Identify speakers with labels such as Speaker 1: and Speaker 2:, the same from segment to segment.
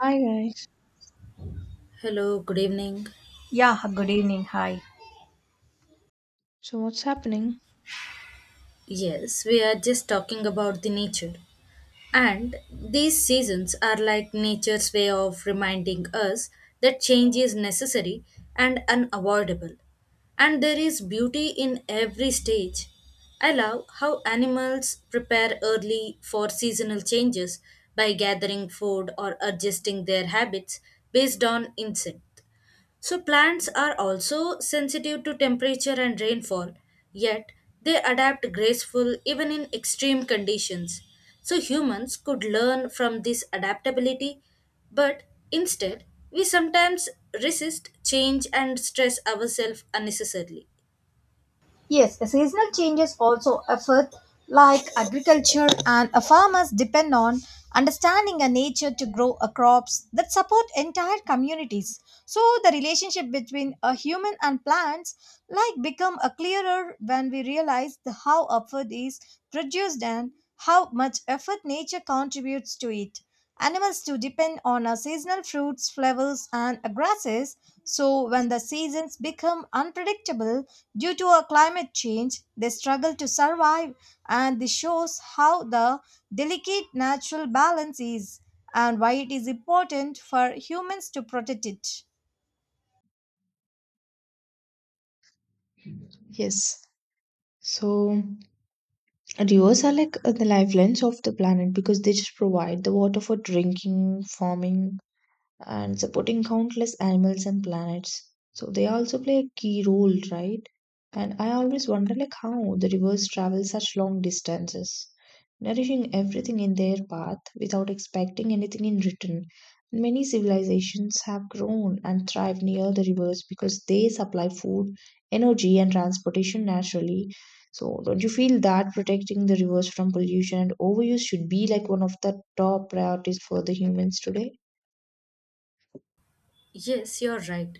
Speaker 1: Hi guys.
Speaker 2: Hello, good evening.
Speaker 3: Yeah, good evening. Hi.
Speaker 1: So what's happening?
Speaker 2: Yes, we are just talking about the nature. And these seasons are like nature's way of reminding us that change is necessary and unavoidable. And there is beauty in every stage. I love how animals prepare early for seasonal changes by gathering food or adjusting their habits based on instinct. So, plants are also sensitive to temperature and rainfall, yet, they adapt graceful even in extreme conditions. So, humans could learn from this adaptability, but instead, we sometimes resist change and stress ourselves unnecessarily.
Speaker 3: Yes, the seasonal changes also affect like agriculture and farmers depend on understanding a nature to grow a crops that support entire communities. So the relationship between a human and plants like become a clearer when we realize the how effort is produced and how much effort nature contributes to it. Animals to depend on a seasonal fruits, flowers and grasses. So when the seasons become unpredictable, due to a climate change, they struggle to survive, and this shows how the delicate natural balance is and why it is important for humans to protect it.
Speaker 1: Yes. So rivers are like the lifelines of the planet because they just provide the water for drinking, farming, and supporting countless animals and planets. So they also play a key role, right? And I always wonder like how the rivers travel such long distances, nourishing everything in their path without expecting anything in return. Many civilizations have grown and thrived near the rivers because they supply food, energy, and transportation naturally. So, don't you feel that protecting the rivers from pollution and overuse should be like one of the top priorities for the humans today?
Speaker 2: Yes, you're right.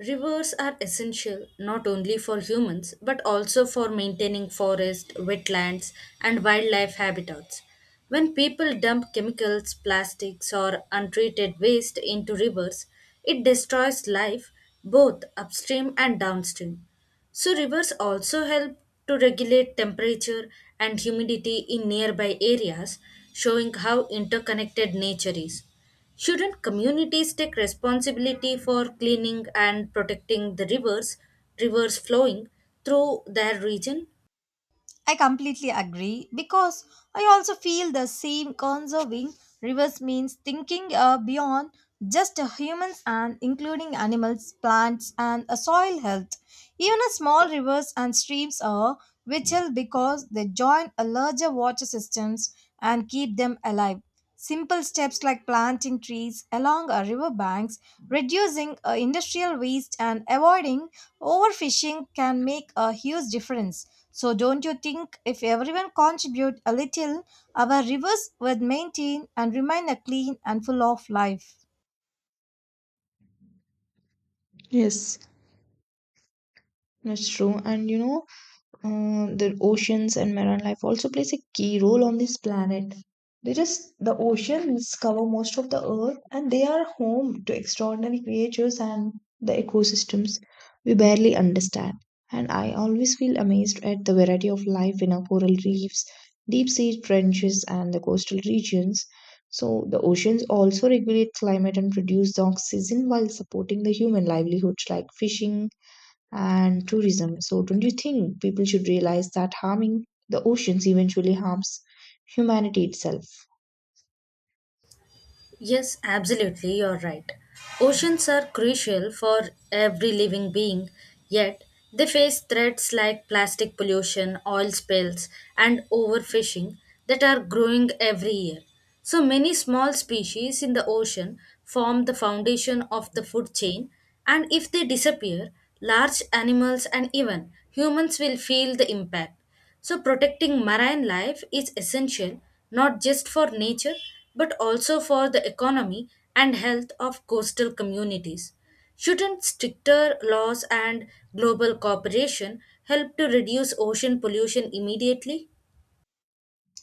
Speaker 2: Rivers are essential not only for humans but also for maintaining forests, wetlands, and wildlife habitats. When people dump chemicals, plastics, or untreated waste into rivers, it destroys life both upstream and downstream. So, rivers also help to regulate temperature and humidity in nearby areas, showing how interconnected nature is. Shouldn't communities take responsibility for cleaning and protecting the rivers flowing through their region?
Speaker 3: I completely agree because I also feel the same conserving rivers means thinking beyond just humans and including animals, plants, and soil health. Even a small rivers and streams are vital because they join a larger water systems and keep them alive. Simple steps like planting trees along our river banks, reducing industrial waste, and avoiding overfishing can make a huge difference, so don't you think if everyone contribute a little, our rivers would maintain and remain a clean and full of life?
Speaker 1: Yes, that's true. And you know, the oceans and marine life also plays a key role on this planet. They just, the oceans cover most of the earth and they are home to extraordinary creatures and the ecosystems we barely understand. And I always feel amazed at the variety of life in our coral reefs, deep sea trenches, and the coastal regions. So, the oceans also regulate climate and produce the oxygen while supporting the human livelihoods like fishing and tourism. So, don't you think people should realize that harming the oceans eventually harms humanity itself?
Speaker 2: Yes, absolutely, you're right. Oceans are crucial for every living being, yet, they face threats like plastic pollution, oil spills, and overfishing that are growing every year. So, many small species in the ocean form the foundation of the food chain, and if they disappear, large animals and even humans will feel the impact. So, protecting marine life is essential not just for nature but also for the economy and health of coastal communities. Shouldn't stricter laws and global cooperation help to reduce ocean pollution immediately?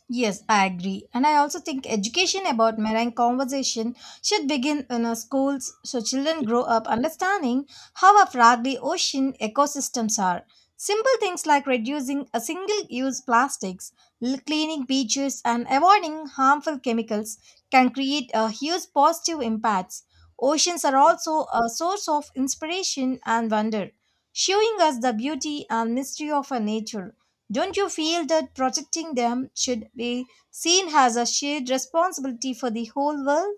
Speaker 3: Yes, I agree. And I also think education about marine conservation should begin in our schools so children grow up understanding how our fragile ocean ecosystems are. Simple things like reducing a single use plastics, cleaning beaches, and avoiding harmful chemicals can create a huge positive impacts. Oceans are also a source of inspiration and wonder, showing us the beauty and mystery of our nature. Don't you feel that protecting them should be seen as a shared responsibility for the whole world?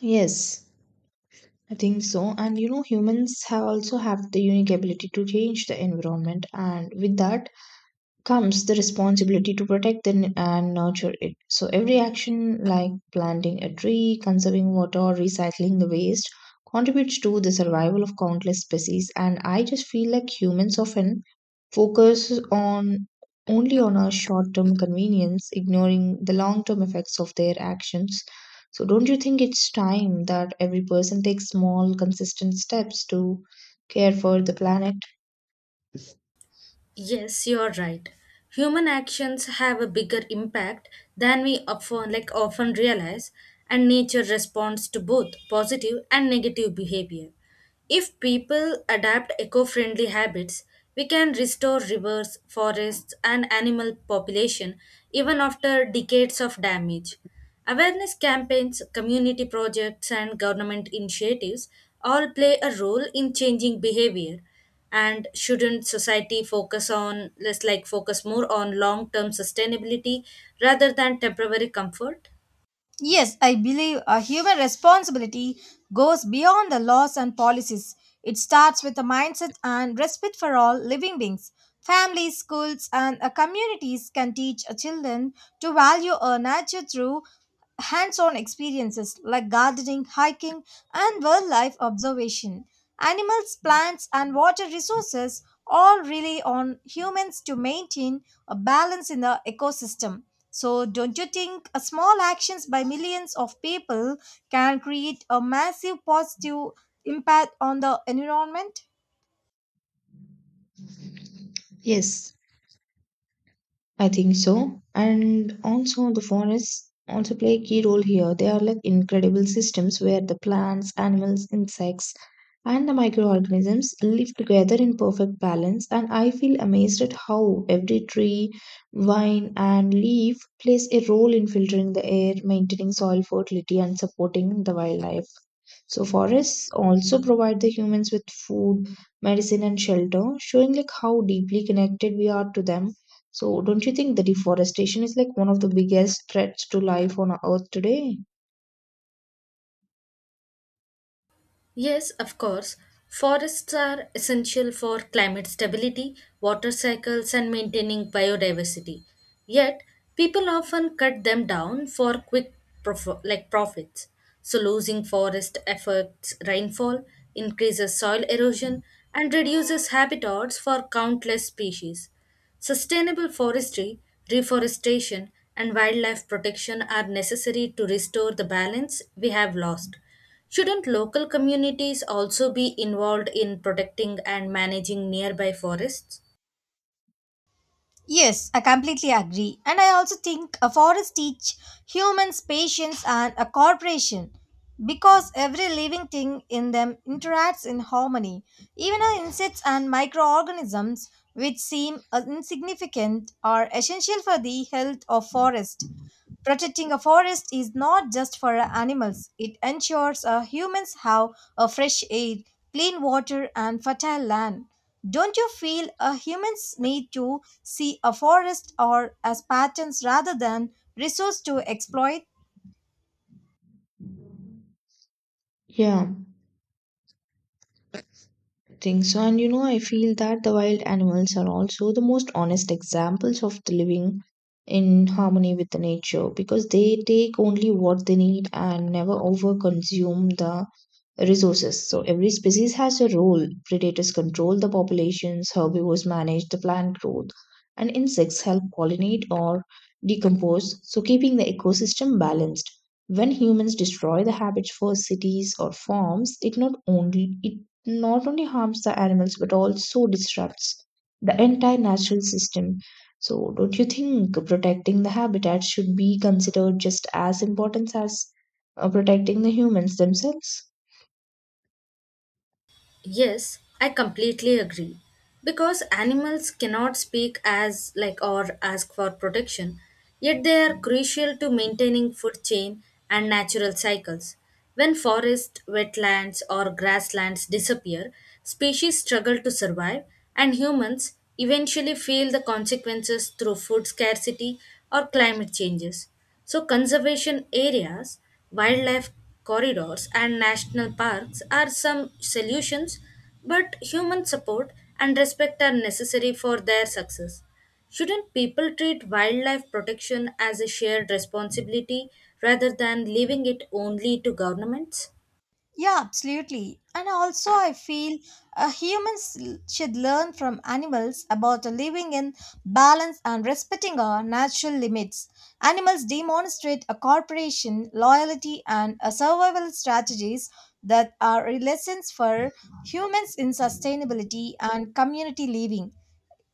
Speaker 1: Yes, I think so. And you know, humans have also have the unique ability to change the environment, and with that, comes the responsibility to protect the and nurture it. So every action like planting a tree, conserving water, or recycling the waste contributes to the survival of countless species, and I just feel like humans often focus on only on our short-term convenience, ignoring the long-term effects of their actions. So don't you think it's time that every person takes small consistent steps to care for the planet?
Speaker 2: Yes, you're right. Human actions have a bigger impact than we often realize, and nature responds to both positive and negative behavior. If people adapt eco-friendly habits, we can restore rivers, forests, and animal population even after decades of damage. Awareness campaigns, community projects, and government initiatives all play a role in changing behavior. And shouldn't society focus more on long term sustainability rather than temporary comfort?
Speaker 3: Yes, I believe a human responsibility goes beyond the laws and policies. It starts with a mindset and respect for all living beings. Families, schools, and communities can teach children to value our nature through hands on experiences like gardening, hiking, and wildlife observation. Animals, plants, and water resources all rely on humans to maintain a balance in the ecosystem. So, don't you think a small actions by millions of people can create a massive positive impact on the environment?
Speaker 1: Yes, I think so. And also, the forests also play a key role here. They are like incredible systems where the plants, animals, insects, and the microorganisms live together in perfect balance. And I feel amazed at how every tree, vine, and leaf plays a role in filtering the air, maintaining soil fertility, and supporting the wildlife. So forests also provide the humans with food, medicine, and shelter, showing like how deeply connected we are to them. So, don't you think the deforestation is like one of the biggest threats to life on earth today?
Speaker 2: Yes, of course. Forests are essential for climate stability, water cycles, and maintaining biodiversity. Yet, people often cut them down for quick profits. So, losing forest affects rainfall, increases soil erosion, and reduces habitats for countless species. Sustainable forestry, reforestation, and wildlife protection are necessary to restore the balance we have lost. Shouldn't local communities also be involved in protecting and managing nearby forests?
Speaker 3: Yes, I completely agree. And I also think a forest teach humans patience and a cooperation because every living thing in them interacts in harmony. Even our insects and microorganisms which seem insignificant are essential for the health of forest. Protecting a forest is not just for animals, it ensures humans have a fresh air, clean water, and fertile land. Don't you feel humans need to see a forest or as patterns rather than resource to exploit?
Speaker 1: Yeah, I think so. And you know, I feel that the wild animals are also the most honest examples of the living in harmony with the nature because they take only what they need and never overconsume the resources. So every species has a role. Predators control the populations, herbivores manage the plant growth, and insects help pollinate or decompose, so keeping the ecosystem balanced. When humans destroy the habitats for cities or farms, it not only harms the animals but also disrupts the entire natural system. So don't you think protecting the habitat should be considered just as important as protecting the humans themselves?
Speaker 2: Yes, I completely agree. Because animals cannot speak as like or ask for protection, yet they are crucial to maintaining food chain and natural cycles. When forests, wetlands or grasslands disappear, species struggle to survive and humans eventually feel the consequences through food scarcity or climate changes. So, conservation areas, wildlife corridors, and national parks are some solutions, but human support and respect are necessary for their success. Shouldn't people treat wildlife protection as a shared responsibility rather than leaving it only to governments?
Speaker 3: Yeah, absolutely. And also, I feel humans should learn from animals about living in balance and respecting our natural limits. Animals demonstrate a cooperation, loyalty, and a survival strategies that are lessons for humans in sustainability and community living.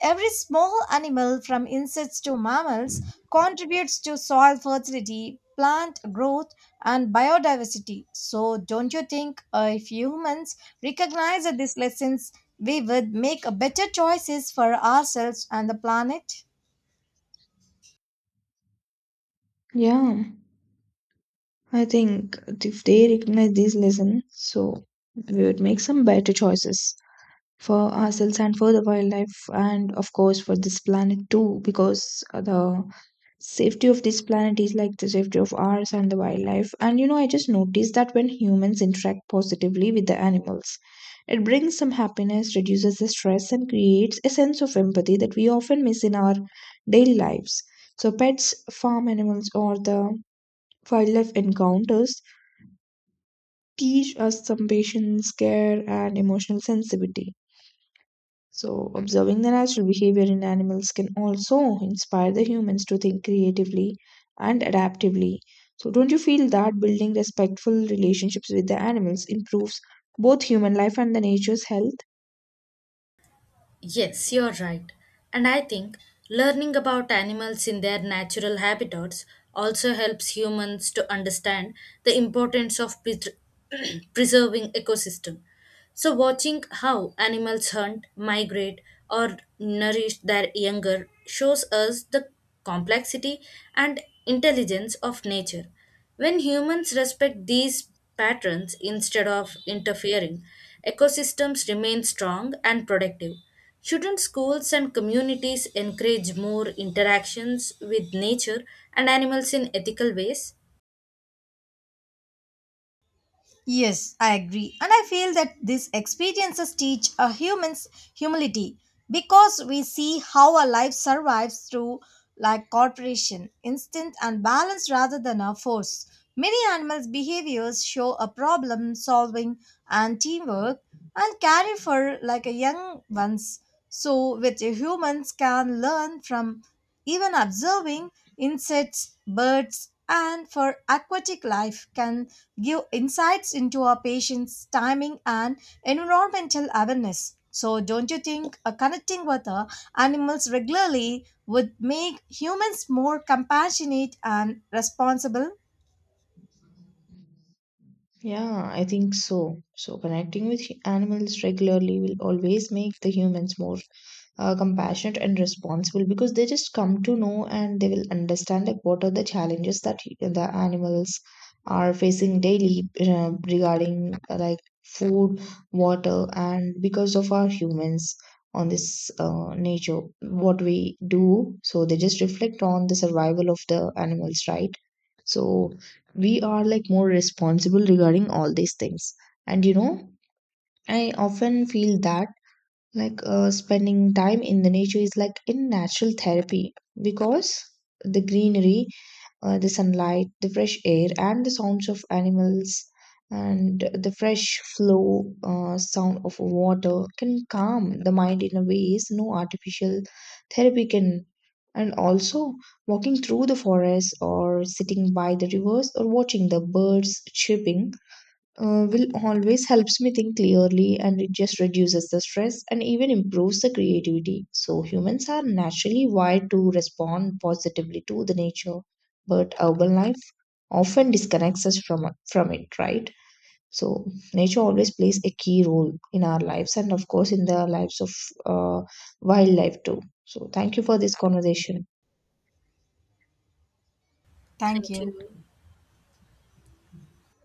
Speaker 3: Every small animal, from insects to mammals, contributes to soil fertility, plant growth, and biodiversity. So, don't you think if humans recognize these lessons, we would make better choices for ourselves and the planet?
Speaker 1: Yeah, I think if they recognize these lessons, so we would make some better choices for ourselves and for the wildlife, and of course for this planet too, because the safety of this planet is like the safety of ours and the wildlife. And you know, I just noticed that when humans interact positively with the animals, it brings some happiness, reduces the stress, and creates a sense of empathy that we often miss in our daily lives. So, pets, farm animals, or the wildlife encounters teach us some patience, care, and emotional sensitivity. So, observing the natural behavior in animals can also inspire the humans to think creatively and adaptively. So, don't you feel that building respectful relationships with the animals improves both human life and the nature's health?
Speaker 2: Yes, you're right. And I think learning about animals in their natural habitats also helps humans to understand the importance of preserving ecosystem. So watching how animals hunt, migrate or nourish their younger shows us the complexity and intelligence of nature. When humans respect these patterns instead of interfering, ecosystems remain strong and productive. Shouldn't schools and communities encourage more interactions with nature and animals in ethical ways?
Speaker 3: Yes, I agree. And I feel that these experiences teach a human's humility because we see how a life survives through like cooperation, instinct and balance rather than a force. Many animals' behaviors show a problem solving and teamwork and carry for like a young ones. So which humans can learn from even observing insects, birds and for aquatic life can give insights into our patients' timing and environmental awareness. So, don't you think connecting with animals regularly would make humans more compassionate and responsible?
Speaker 1: Yeah, I think so. So connecting with animals regularly will always make the humans more compassionate and responsible because they just come to know and they will understand like what are the challenges that the animals are facing daily regarding like food, water, and because of our humans on this nature, what we do. So they just reflect on the survival of the animals, right? So we are like more responsible regarding all these things. And you know, I often feel that like spending time in the nature is like in natural therapy because the greenery, the sunlight, the fresh air, and the sounds of animals, and the fresh flow sound of water can calm the mind in a ways no artificial therapy can. And also, walking through the forest, or sitting by the rivers, or watching the birds chirping will always helps me think clearly, and it just reduces the stress and even improves the creativity. So humans are naturally wired to respond positively to the nature, but urban life often disconnects us from it, right? So nature always plays a key role in our lives, and of course in the lives of uh, wildlife too. So thank you for this conversation.
Speaker 3: Thank
Speaker 2: Thank
Speaker 3: you.
Speaker 2: you.